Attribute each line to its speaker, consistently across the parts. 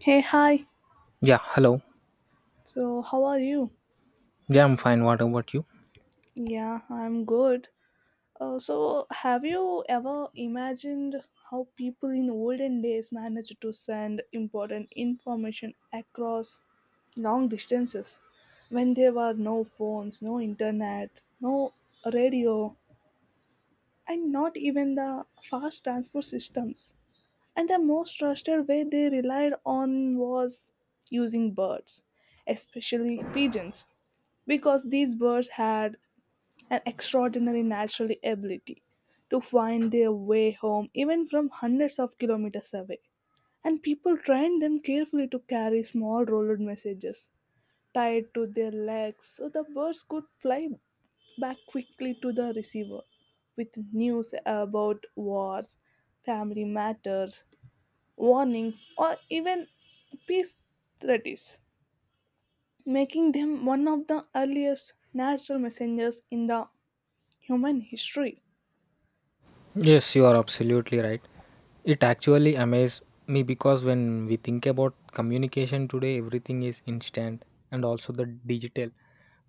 Speaker 1: Hey, hi.
Speaker 2: Yeah, hello.
Speaker 1: So, how are you?
Speaker 2: Yeah, I'm fine. What about you?
Speaker 1: Yeah, I'm good. So, have you ever imagined how people in olden days managed to send important information across long distances when there were no phones, no internet, no radio, and not even the fast transport systems? And the most trusted way they relied on was using birds, especially pigeons because these birds had an extraordinary natural ability to find their way home even from hundreds of kilometers away. And people trained them carefully to carry small rolled messages tied to their legs so the birds could fly back quickly to the receiver with news about wars, family matters, warnings, or even peace treaties making them one of the earliest natural messengers in the human history.
Speaker 2: Yes, you are absolutely right. It actually amazed me because when we think about communication today, everything is instant and also the digital.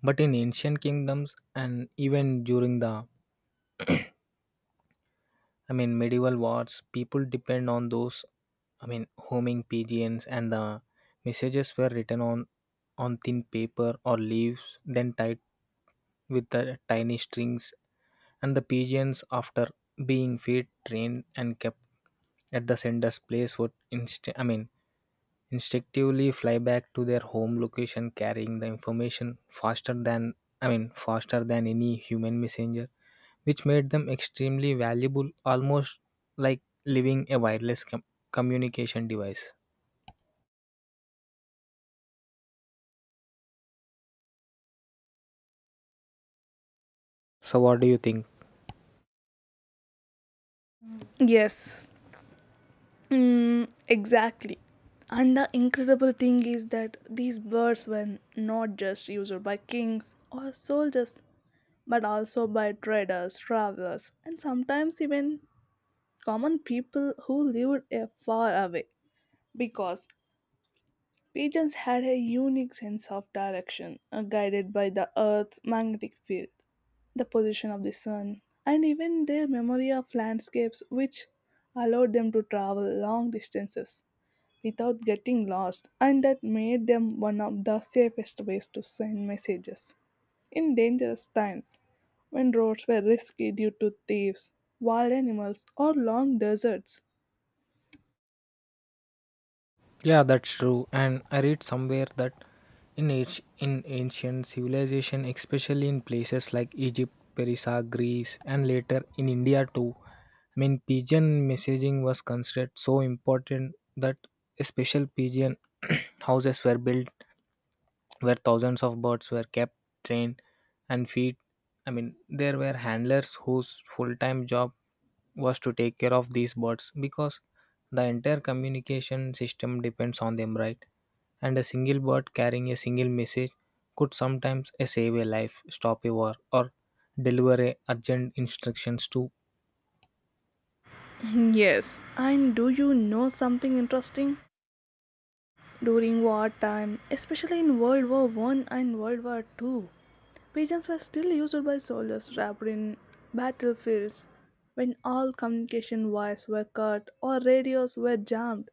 Speaker 2: But in ancient kingdoms and even during the medieval wars, people depend on those, homing pigeons, and the messages were written on thin paper or leaves, then tied with the tiny strings. And the pigeons, after being fed, trained, and kept at the sender's place, would instinctively fly back to their home location, carrying the information faster than faster than any human messenger which made them extremely valuable, almost like living a communication device. So, what do you think?
Speaker 1: Yes, exactly. And the incredible thing is that these birds were not just used by kings or soldiers, but also by traders, travelers, and sometimes even common people who lived far away. Because pigeons had a unique sense of direction, guided by the Earth's magnetic field, the position of the sun, and even their memory of landscapes, which allowed them to travel long distances without getting lost, and that made them one of the safest ways to send messages, in dangerous times, when roads were risky due to thieves, wild animals, or long deserts.
Speaker 2: Yeah, that's true. And I read somewhere that in ancient civilization, especially in places like Egypt, Persia, Greece, and later in India too, pigeon messaging was considered so important that a special pigeon houses were built where thousands of birds were kept, trained, and feed. I mean, there were handlers whose full time job was to take care of these birds because the entire communication system depends on them, right? And a single bird carrying a single message could sometimes save a life, stop a war, or deliver a urgent instructions to.
Speaker 1: Yes, and do you know something interesting? During wartime, especially in World War I and World War II, pigeons were still used by soldiers trapped in battlefields when all communication wires were cut or radios were jammed.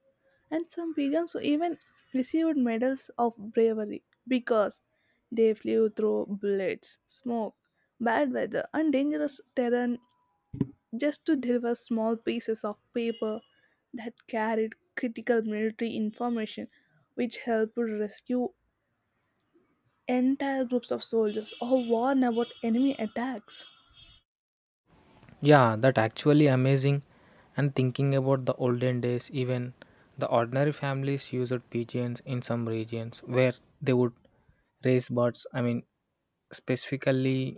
Speaker 1: And some pigeons even received medals of bravery because they flew through bullets, smoke, bad weather, and dangerous terrain just to deliver small pieces of paper that carried critical military information, which helped rescue entire groups of soldiers or warn about enemy attacks.
Speaker 2: Yeah, that actually amazing. And thinking about the olden days, even the ordinary families used pigeons in some regions where they would raise birds. I mean, specifically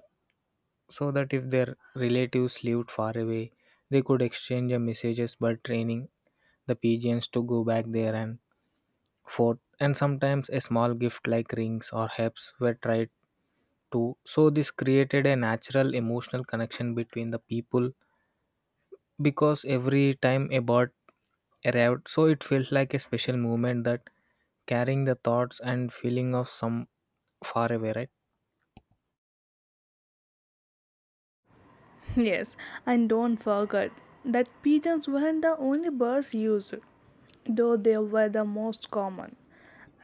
Speaker 2: so that if their relatives lived far away, they could exchange a messages by training the pigeons to go back there and forth. And sometimes a small gift like rings or herbs were tried to. So this created a natural emotional connection between the people because every time a bird arrived, so it felt like a special moment that carrying the thoughts and feeling of some far away, right?
Speaker 1: Yes, and don't forget that pigeons weren't the only birds used, though they were the most common.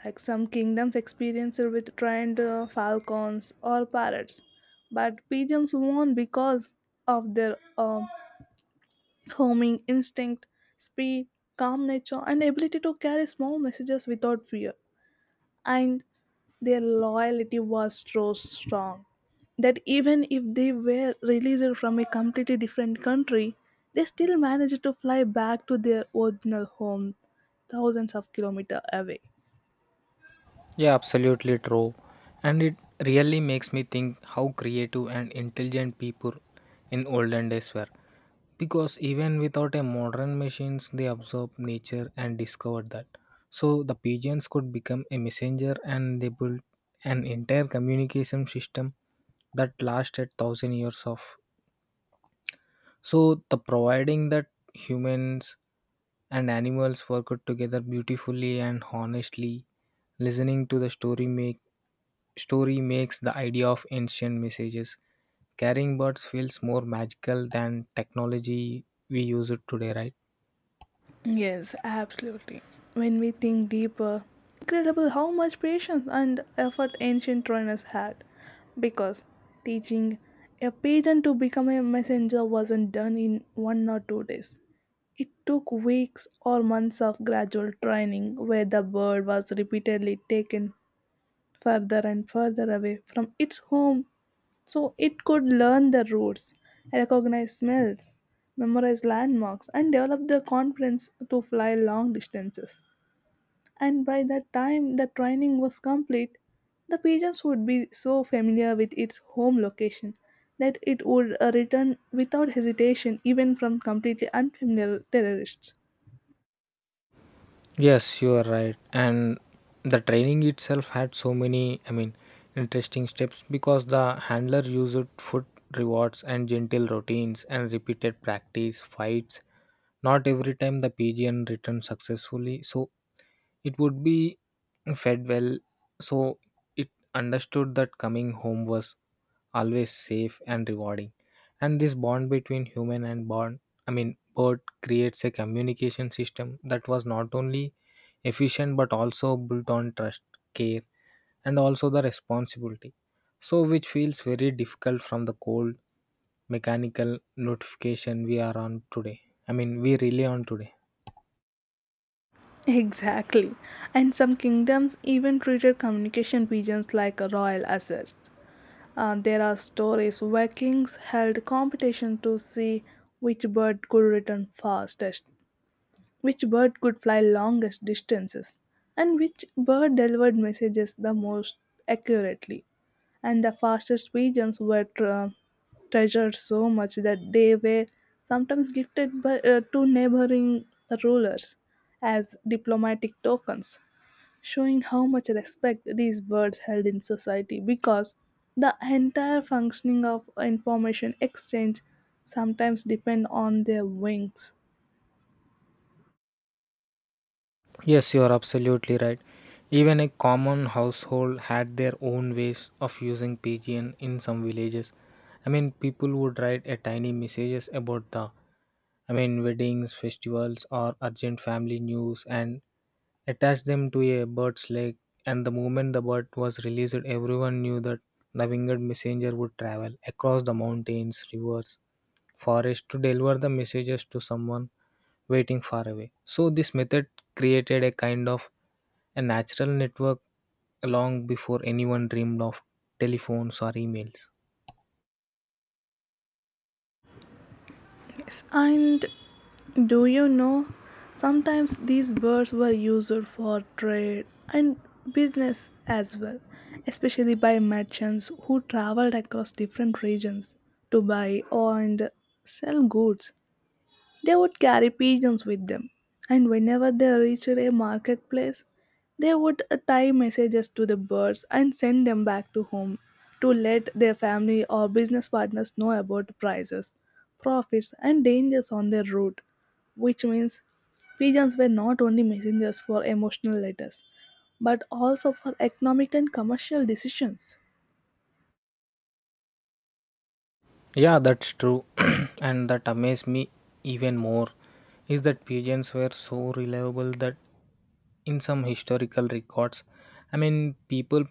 Speaker 1: Like some kingdoms experienced with trained falcons or parrots, but pigeons won because of their homing instinct, speed, calm nature, and ability to carry small messages without fear. And their loyalty was so strong that even if they were released from a completely different country, they still managed to fly back to their original home, thousands of kilometers away.
Speaker 2: Yeah, absolutely true. And it really makes me think how creative and intelligent people in olden days were. Because even without a modern machines, they absorbed nature and discovered that. So the pigeons could become a messenger and they built an entire communication system that lasted thousand years of. So the providing that humans and animals work out together beautifully and honestly, listening to the story makes the idea of ancient messages. Carrying birds feels more magical than technology we use it today, right?
Speaker 1: Yes, absolutely. When we think deeper, incredible how much patience and effort ancient trainers had. Because teaching a pigeon to become a messenger wasn't done in 1 or 2 days. It took weeks or months of gradual training where the bird was repeatedly taken further and further away from its home so it could learn the routes, recognize smells, memorize landmarks, and develop the confidence to fly long distances. And by the time the training was complete, the pigeons would be so familiar with its home location that it would return without hesitation, even from completely unfamiliar terrorists.
Speaker 2: Yes, you are right. And the training itself had so many, interesting steps because the handler used foot rewards and gentle routines and repeated practice fights. Not every time the pigeon returned successfully, so it would be fed well. So it understood that coming home was always safe and rewarding, and this bond between human and bond I mean bird creates a communication system that was not only efficient but also built on trust, care, and also the responsibility. So which feels very difficult from the cold mechanical notification we are on today I mean we rely on today.
Speaker 1: Exactly. And some kingdoms even treated communication pigeons like royal assets. There are stories where kings held competition to see which bird could return fastest, which bird could fly longest distances, and which bird delivered messages the most accurately. And the fastest pigeons were treasured so much that they were sometimes gifted to neighboring rulers as diplomatic tokens, showing how much respect these words held in society because the entire functioning of information exchange sometimes depend on their wings.
Speaker 2: Yes, you are absolutely right. Even a common household had their own ways of using pigeon in some villages. I mean, people would write a tiny messages about weddings, festivals, or urgent family news, and attach them to a bird's leg. And the moment the bird was released, everyone knew that the winged messenger would travel across the mountains, rivers, forests to deliver the messages to someone waiting far away. So this method created a kind of a natural network long before anyone dreamed of telephones or emails.
Speaker 1: Yes, and do you know, sometimes these birds were used for trade and business as well, especially by merchants who traveled across different regions to buy and sell goods. They would carry pigeons with them, and whenever they reached a marketplace, they would tie messages to the birds and send them back to home to let their family or business partners know about prices, profits, and dangers on their route, which means pigeons were not only messengers for emotional letters, but also for economic and commercial decisions.
Speaker 2: Yeah, that's true. And that amazed me even more is that pigeons were so reliable that in some historical records, people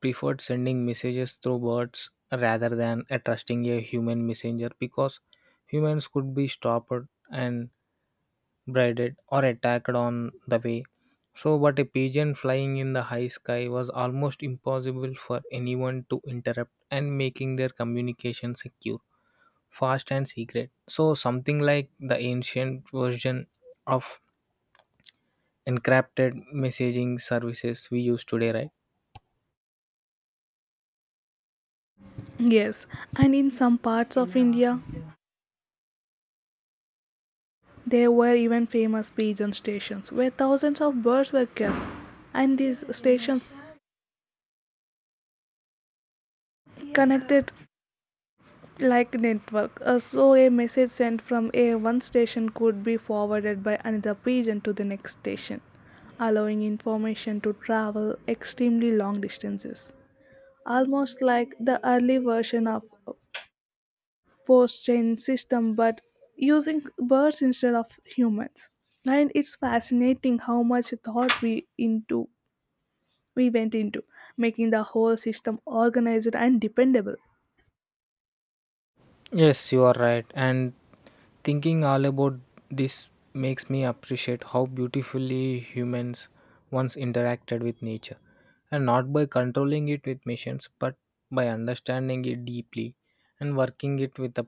Speaker 2: preferred sending messages through birds rather than trusting a human messenger because humans could be stopped and braided or attacked on the way. So, but a pigeon flying in the high sky was almost impossible for anyone to interrupt and making their communication secure, fast, and secret. So, something like the ancient version of encrypted messaging services we use today, right?
Speaker 1: Yes, and in some parts of India, there were even famous pigeon stations where thousands of birds were kept, and these stations connected like network. So a message sent from a one station could be forwarded by another pigeon to the next station, allowing information to travel extremely long distances. Almost like the early version of post chain system, but using birds instead of humans. And it's fascinating how much thought we went into, making the whole system organized and dependable.
Speaker 2: Yes, you are right. And thinking all about this makes me appreciate how beautifully humans once interacted with nature, and not by controlling it with machines, but by understanding it deeply and working it with the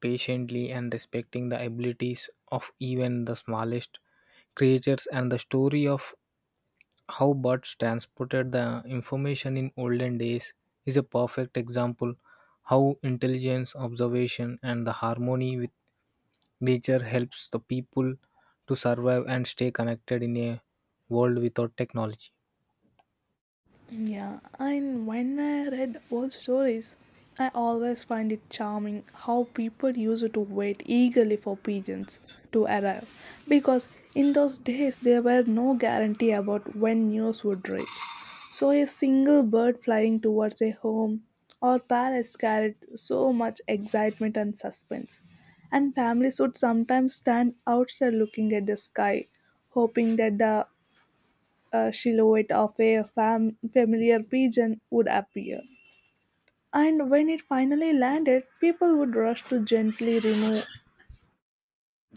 Speaker 2: patiently and respecting the abilities of even the smallest creatures. And the story of how birds transported the information in olden days is a perfect example how intelligence, observation, and the harmony with nature helps the people to survive and stay connected in a world without technology.
Speaker 1: Yeah, and when I read old stories, I always find it charming how people used to wait eagerly for pigeons to arrive because in those days there were no guarantee about when news would reach. So a single bird flying towards a home or palace carried so much excitement and suspense. And families would sometimes stand outside looking at the sky, hoping that the silhouette of a familiar pigeon would appear. And when it finally landed, people would rush to gently remove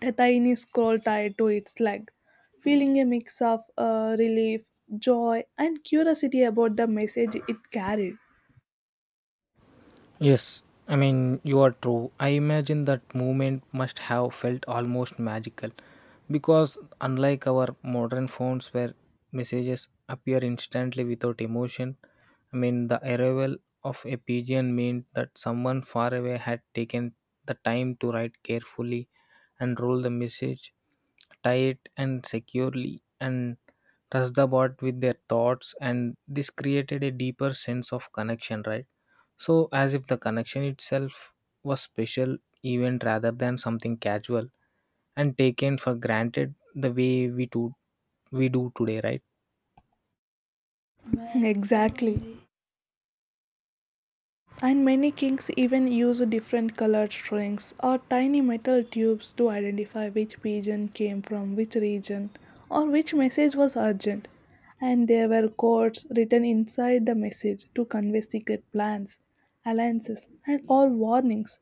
Speaker 1: the tiny scroll tied to its leg, feeling a mix of relief, joy, and curiosity about the message it carried.
Speaker 2: Yes, you are true. I imagine that movement must have felt almost magical because, unlike our modern phones where messages appear instantly without emotion, the arrival of a pigeon meant that someone far away had taken the time to write carefully and roll the message tight and securely and trust the bot with their thoughts, and this created a deeper sense of connection, right? So, as if the connection itself was special event rather than something casual and taken for granted the way we do today, right?
Speaker 1: Exactly. And many kings even use different colored strings or tiny metal tubes to identify which pigeon came from which region or which message was urgent. And there were codes written inside the message to convey secret plans, alliances, and all warnings.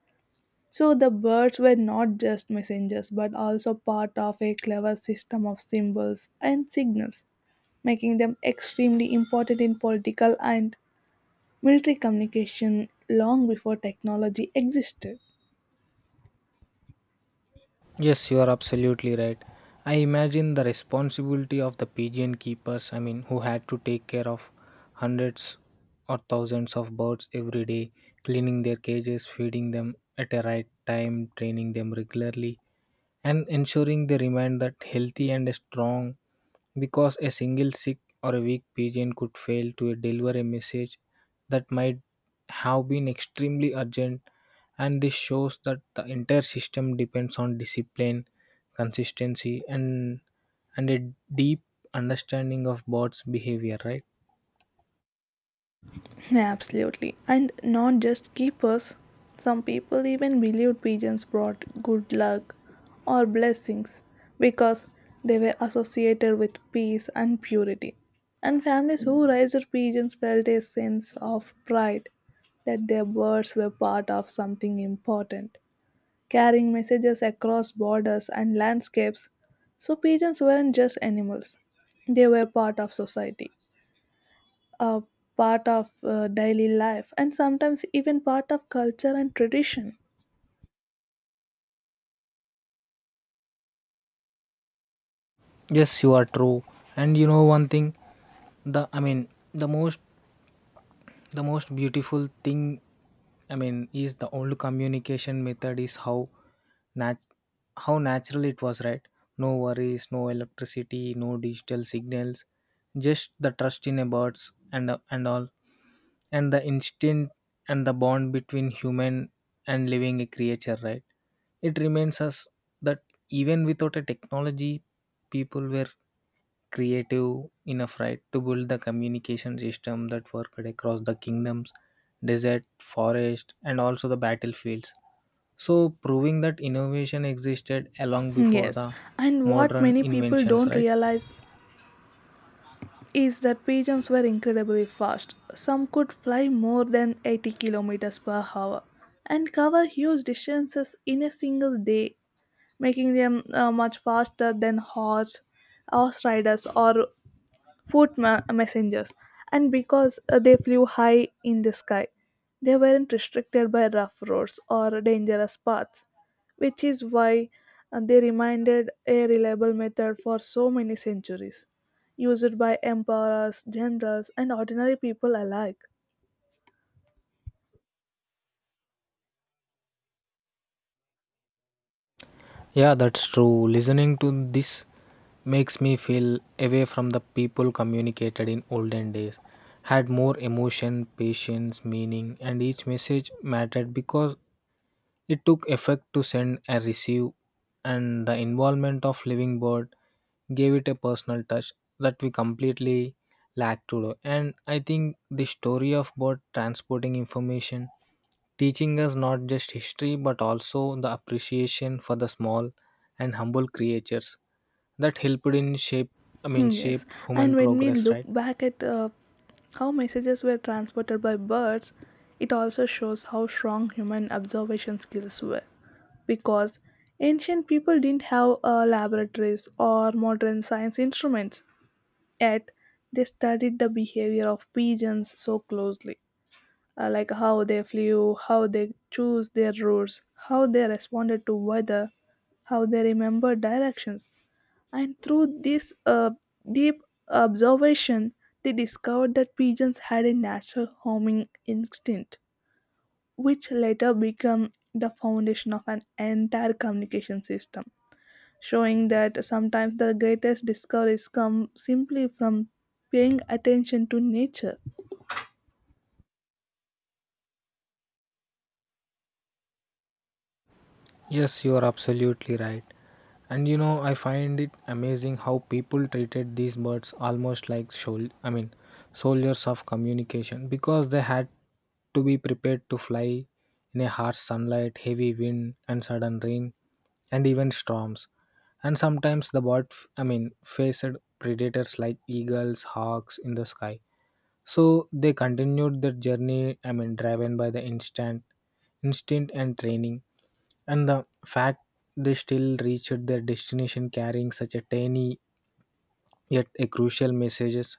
Speaker 1: So the birds were not just messengers but also part of a clever system of symbols and signals, making them extremely important in political and military communication long before technology existed.
Speaker 2: Yes, you are absolutely right. I imagine the responsibility of the pigeon keepers, who had to take care of hundreds or thousands of birds every day, cleaning their cages, feeding them at a right time, training them regularly, and ensuring they remain that healthy and strong because a single sick or a weak pigeon could fail to deliver a message that might have been extremely urgent. And this shows that the entire system depends on discipline, consistency, and a deep understanding of birds behavior, right?
Speaker 1: Yeah, absolutely. And not just keepers, some people even believed pigeons brought good luck or blessings because they were associated with peace and purity. And families who raised pigeons felt a sense of pride that their birds were part of something important, carrying messages across borders and landscapes. So pigeons weren't just animals, they were part of society, a part of daily life, and sometimes even part of culture and tradition.
Speaker 2: Yes, you are true. And you know one thing, the I mean the most the most beautiful thing, is the old communication method is how nat- how natural it was, right? No worries, no electricity, no digital signals, just the trust in a birds and the instinct and the bond between human and living a creature, right? It reminds us that even without a technology people were creative enough, right, to build the communication system that worked across the kingdoms, desert, forest, and also the battlefields. So proving that innovation existed along before
Speaker 1: Yes,
Speaker 2: the
Speaker 1: and what
Speaker 2: modern
Speaker 1: many people
Speaker 2: inventions,
Speaker 1: don't
Speaker 2: right?
Speaker 1: realize is that pigeons were incredibly fast. Some could fly more than 80 kilometers per hour and cover huge distances in a single day, making them much faster than horse riders or foot messengers. And because they flew high in the sky, they weren't restricted by rough roads or dangerous paths, which is why they remained a reliable method for so many centuries, used by emperors, generals, and ordinary people alike.
Speaker 2: Yeah, that's true. Listening to this makes me feel away from the people communicated in olden days. Had more emotion, patience, meaning, and each message mattered because it took effect to send and receive, and the involvement of living bird gave it a personal touch that we completely lack today. And I think the story of bird transporting information teaching us not just history but also the appreciation for the small and humble creatures that helped in shape I mean
Speaker 1: Hmm, yes,
Speaker 2: shape
Speaker 1: and
Speaker 2: human
Speaker 1: when we
Speaker 2: progress,
Speaker 1: look
Speaker 2: right?
Speaker 1: back at how messages were transported by birds, it also shows how strong human observation skills were. Because ancient people didn't have laboratories or modern science instruments, yet they studied the behavior of pigeons so closely, like how they flew, how they chose their routes, how they responded to weather, how they remembered directions, and through this deep observation, they discovered that pigeons had a natural homing instinct, which later became the foundation of an entire communication system, showing that sometimes the greatest discoveries come simply from paying attention to nature.
Speaker 2: Yes, you are absolutely right. And you know, I find it amazing how people treated these birds almost like soldiers of communication because they had to be prepared to fly in a harsh sunlight, heavy wind, and sudden rain, and even storms. And sometimes the bird, faced predators like eagles, hawks in the sky. So they continued their journey, driven by the instinct and training, and the fact they still reached their destination carrying such a tiny yet a crucial messages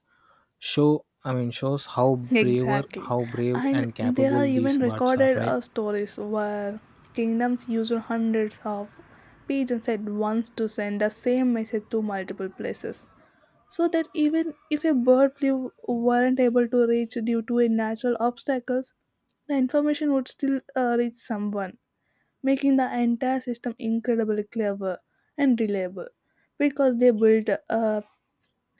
Speaker 2: shows how
Speaker 1: Exactly.
Speaker 2: how brave
Speaker 1: And
Speaker 2: and
Speaker 1: there are
Speaker 2: capable these
Speaker 1: even
Speaker 2: birds are,
Speaker 1: recorded
Speaker 2: right?
Speaker 1: stories where kingdoms used hundreds of pigeons at once to send the same message to multiple places. So that even if a bird flew weren't able to reach due to a natural obstacles, the information would still reach someone, making the entire system incredibly clever and reliable because they built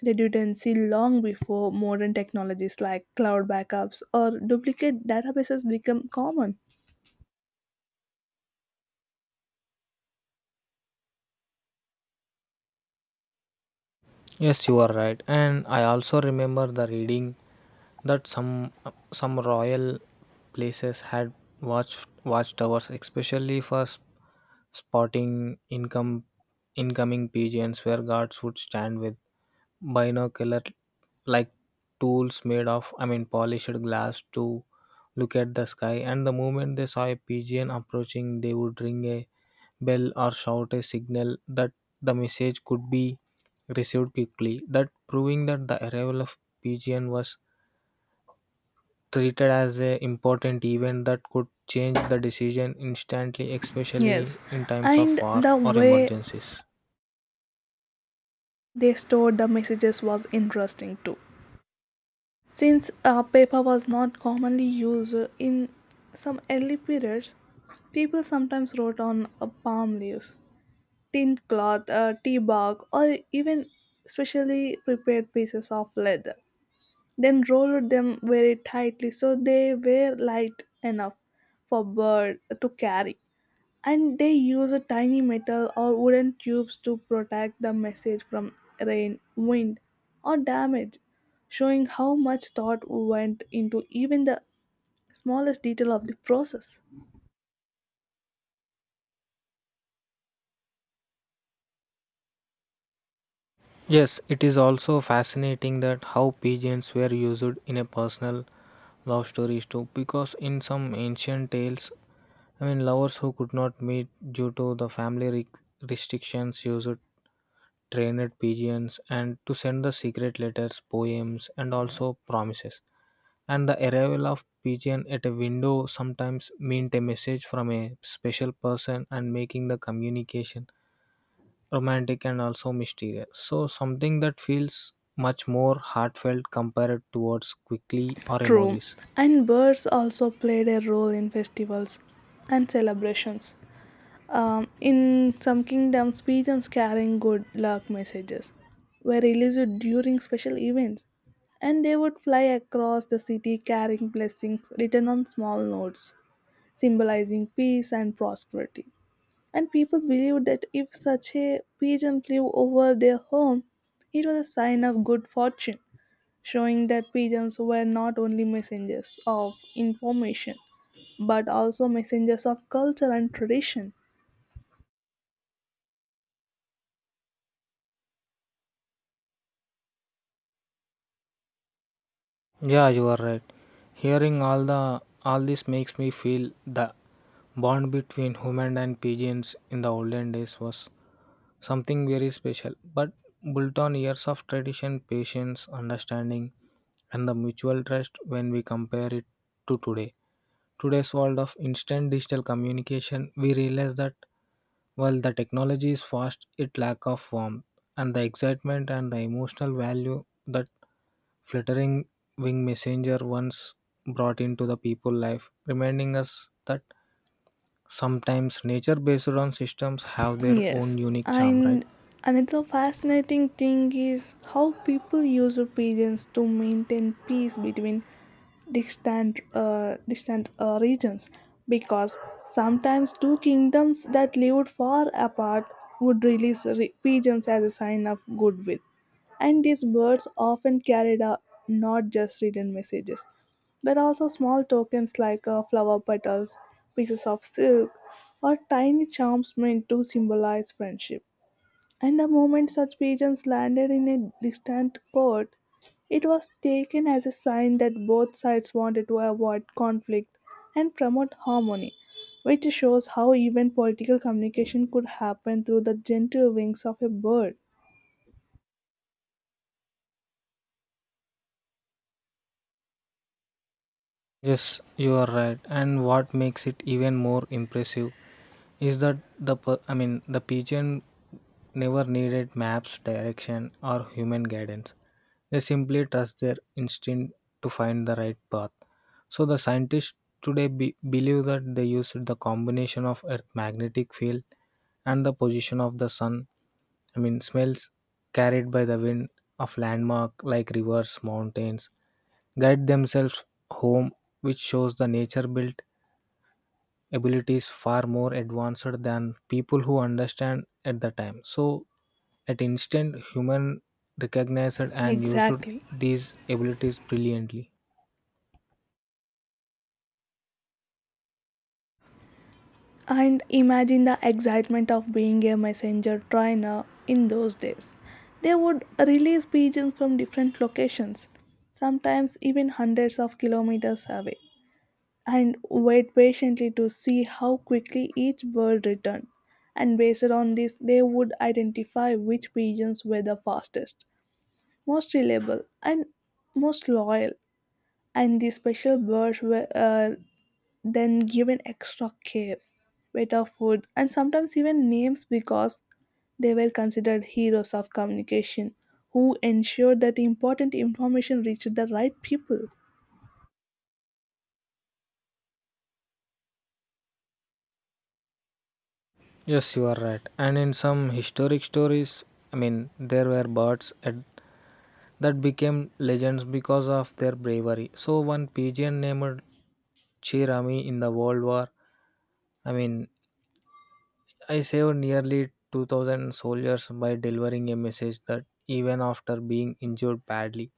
Speaker 1: redundancy long before modern technologies like cloud backups or duplicate databases become common.
Speaker 2: Yes, you are right. And I also remember the reading that some royal places had watch watchtowers, especially for spotting income incoming pigeons, where guards would stand with binocular like tools made of, polished glass, to look at the sky. And the moment they saw a pigeon approaching, they would ring a bell or shout a signal that the message could be received quickly, that proving that the arrival of pigeon was treated as an important event that could change the decision instantly, especially
Speaker 1: Yes,
Speaker 2: in times of
Speaker 1: and
Speaker 2: war
Speaker 1: the
Speaker 2: or
Speaker 1: way
Speaker 2: emergencies.
Speaker 1: they stored the messages was interesting too. Since paper was not commonly used in some early periods, people sometimes wrote on palm leaves, thin cloth, tea bark, or even specially prepared pieces of leather, then rolled them very tightly so they were light enough for bird to carry, and they used tiny metal or wooden tubes to protect the message from rain, wind, or damage, showing how much thought went into even the smallest detail of the process.
Speaker 2: Yes, it is also fascinating that how pigeons were used in a personal love stories too because in some ancient tales, lovers who could not meet due to the restrictions used trained pigeons and to send the secret letters, poems, and also promises. And the arrival of pigeon at a window sometimes meant a message from a special person and making the communication romantic and also mysterious. So something that feels much more heartfelt compared towards quickly or
Speaker 1: True,
Speaker 2: emojis.
Speaker 1: and birds also played a role in festivals and celebrations. In some kingdoms, pigeons carrying good luck messages were released during special events, and they would fly across the city carrying blessings written on small notes, symbolizing peace and prosperity. And people believed that if such a pigeon flew over their home, it was a sign of good fortune, showing that pigeons were not only messengers of information but also messengers of culture and tradition.
Speaker 2: Yeah, you are right. Hearing all this makes me feel the bond between human and pigeons in the olden days was something very special, but built on years of tradition, patience, understanding, and the mutual trust when we compare it to today. Today's world of instant digital communication, we realize that while the technology is fast, it lack of warmth and the excitement and the emotional value that fluttering wing messenger once brought into the people life, reminding us that sometimes nature based on systems have their own
Speaker 1: Yes,
Speaker 2: unique charm, right?
Speaker 1: and another fascinating thing is how people use pigeons to maintain peace between distant regions, because sometimes two kingdoms that lived far apart would release pigeons as a sign of goodwill, and these birds often carried not just written messages but also small tokens like flower petals, pieces of silk, or tiny charms meant to symbolize friendship, and the moment such pigeons landed in a distant court, it was taken as a sign that both sides wanted to avoid conflict and promote harmony, which shows how even political communication could happen through the gentle wings of a bird.
Speaker 2: Yes, you are right. And what makes it even more impressive is that the per- I mean the pigeon never needed maps, direction, or human guidance. They simply trust their instinct to find the right path. So the scientists today believe that they used the combination of Earth's magnetic field and the position of the sun. Smells carried by the wind of landmark like rivers, mountains, guide themselves home, which shows the nature built abilities far more advanced than people who understand at the time. So, at instant, human recognized and used
Speaker 1: Exactly.
Speaker 2: these abilities brilliantly.
Speaker 1: And imagine the excitement of being a messenger trainer in those days. They would release pigeons from different locations, sometimes even hundreds of kilometers away, and wait patiently to see how quickly each bird returned. And based on this, they would identify which pigeons were the fastest, most reliable, and most loyal. And these special birds were then given extra care, better food, and sometimes even names because they were considered heroes of communication who ensured that important information reached the right people.
Speaker 2: Yes, you are right. And in some historic stories, there were that became legends because of their bravery. So, one pigeon named Chirami in the World War, I mean, I saved nearly 2,000 soldiers by delivering a message that even after being injured badly,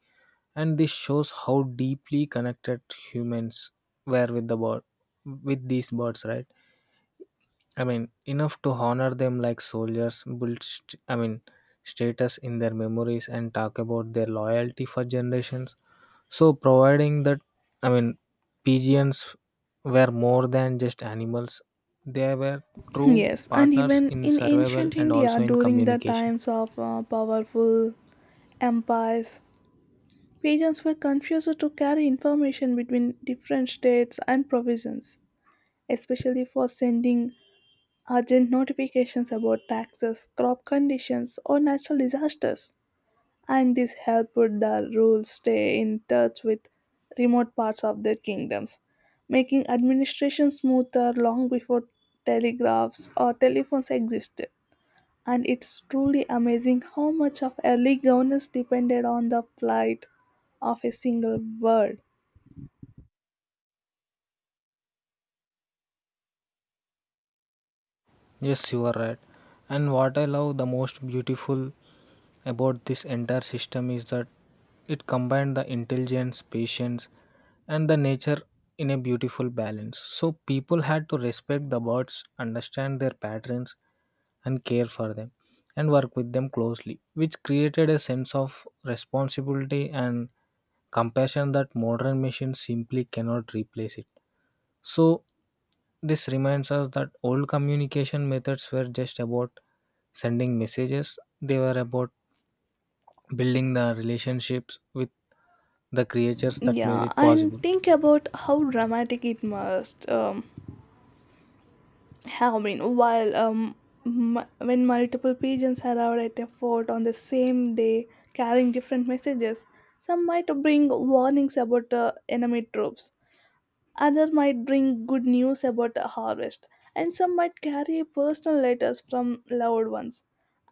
Speaker 2: and this shows how deeply connected humans were with with these birds, right? I mean, enough to honor them like soldiers, build, status in their memories and talk about their loyalty for generations. So, providing that, I mean, pigeons were more than just animals, they were true
Speaker 1: Yes, and
Speaker 2: partners
Speaker 1: even
Speaker 2: in
Speaker 1: in
Speaker 2: survival
Speaker 1: ancient
Speaker 2: and
Speaker 1: India
Speaker 2: also in
Speaker 1: during the
Speaker 2: communication.
Speaker 1: times of powerful empires, pigeons were confused to carry information between different states and provinces, especially for sending urgent notifications about taxes, crop conditions, or natural disasters. And this helped the rulers stay in touch with remote parts of their kingdoms, making administration smoother long before telegraphs or telephones existed. And it's truly amazing how much of early governance depended on the plight of a single word.
Speaker 2: Yes, you are right. And what I love the most beautiful about this entire system is that it combined the intelligence, patience, and the nature in a beautiful balance. So people had to respect the birds, understand their patterns, and care for them, and work with them closely, which created a sense of responsibility and compassion that modern machines simply cannot replace it. So this reminds us that old communication methods were just about sending messages, they were about building the relationships with the creatures that made
Speaker 1: Yeah,
Speaker 2: it
Speaker 1: and
Speaker 2: possible.
Speaker 1: think about how dramatic it must. Halloween, while when multiple pigeons arrived at a fort on the same day carrying different messages, some might bring warnings about enemy troops, others might bring good news about a harvest, and some might carry personal letters from loved ones.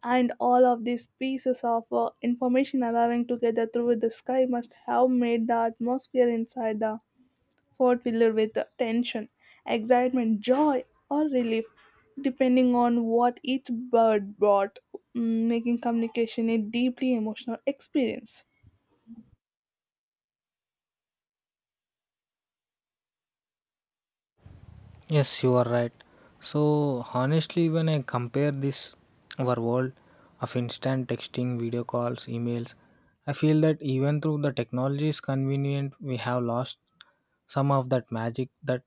Speaker 1: And all of these pieces of information arriving together through the sky must have made the atmosphere inside the what filled with tension, excitement, joy, or relief, depending on what each bird brought, making communication a deeply emotional experience.
Speaker 2: Yes, you are right. So, honestly, when I compare this, our world of instant texting, video calls, emails, I feel that even though the technology is convenient, we have lost some of that magic, that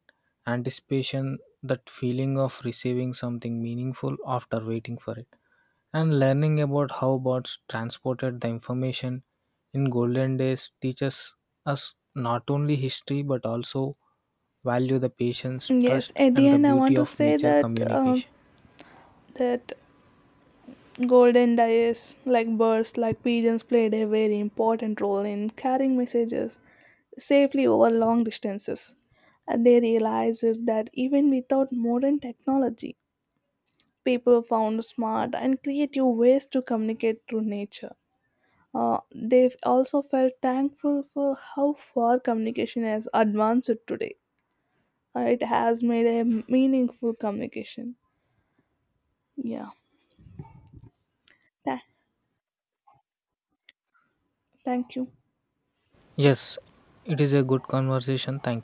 Speaker 2: anticipation, that feeling of receiving something meaningful after waiting for it. And learning about how bots transported the information in golden days teaches us not only history but also value the patience,
Speaker 1: Yes,
Speaker 2: trust,
Speaker 1: at the
Speaker 2: and the
Speaker 1: end, I
Speaker 2: beauty
Speaker 1: want to
Speaker 2: of
Speaker 1: say
Speaker 2: nature
Speaker 1: that um,
Speaker 2: communication.
Speaker 1: that golden dyes, like birds, like pigeons, played a very important role in carrying messages safely over long distances. And they realized that even without modern technology, people found smart and creative ways to communicate through nature. They also felt thankful for how far communication has advanced today. It has made a meaningful communication. Yeah. Tha- thank you.
Speaker 2: Yes, it is a good conversation. Thank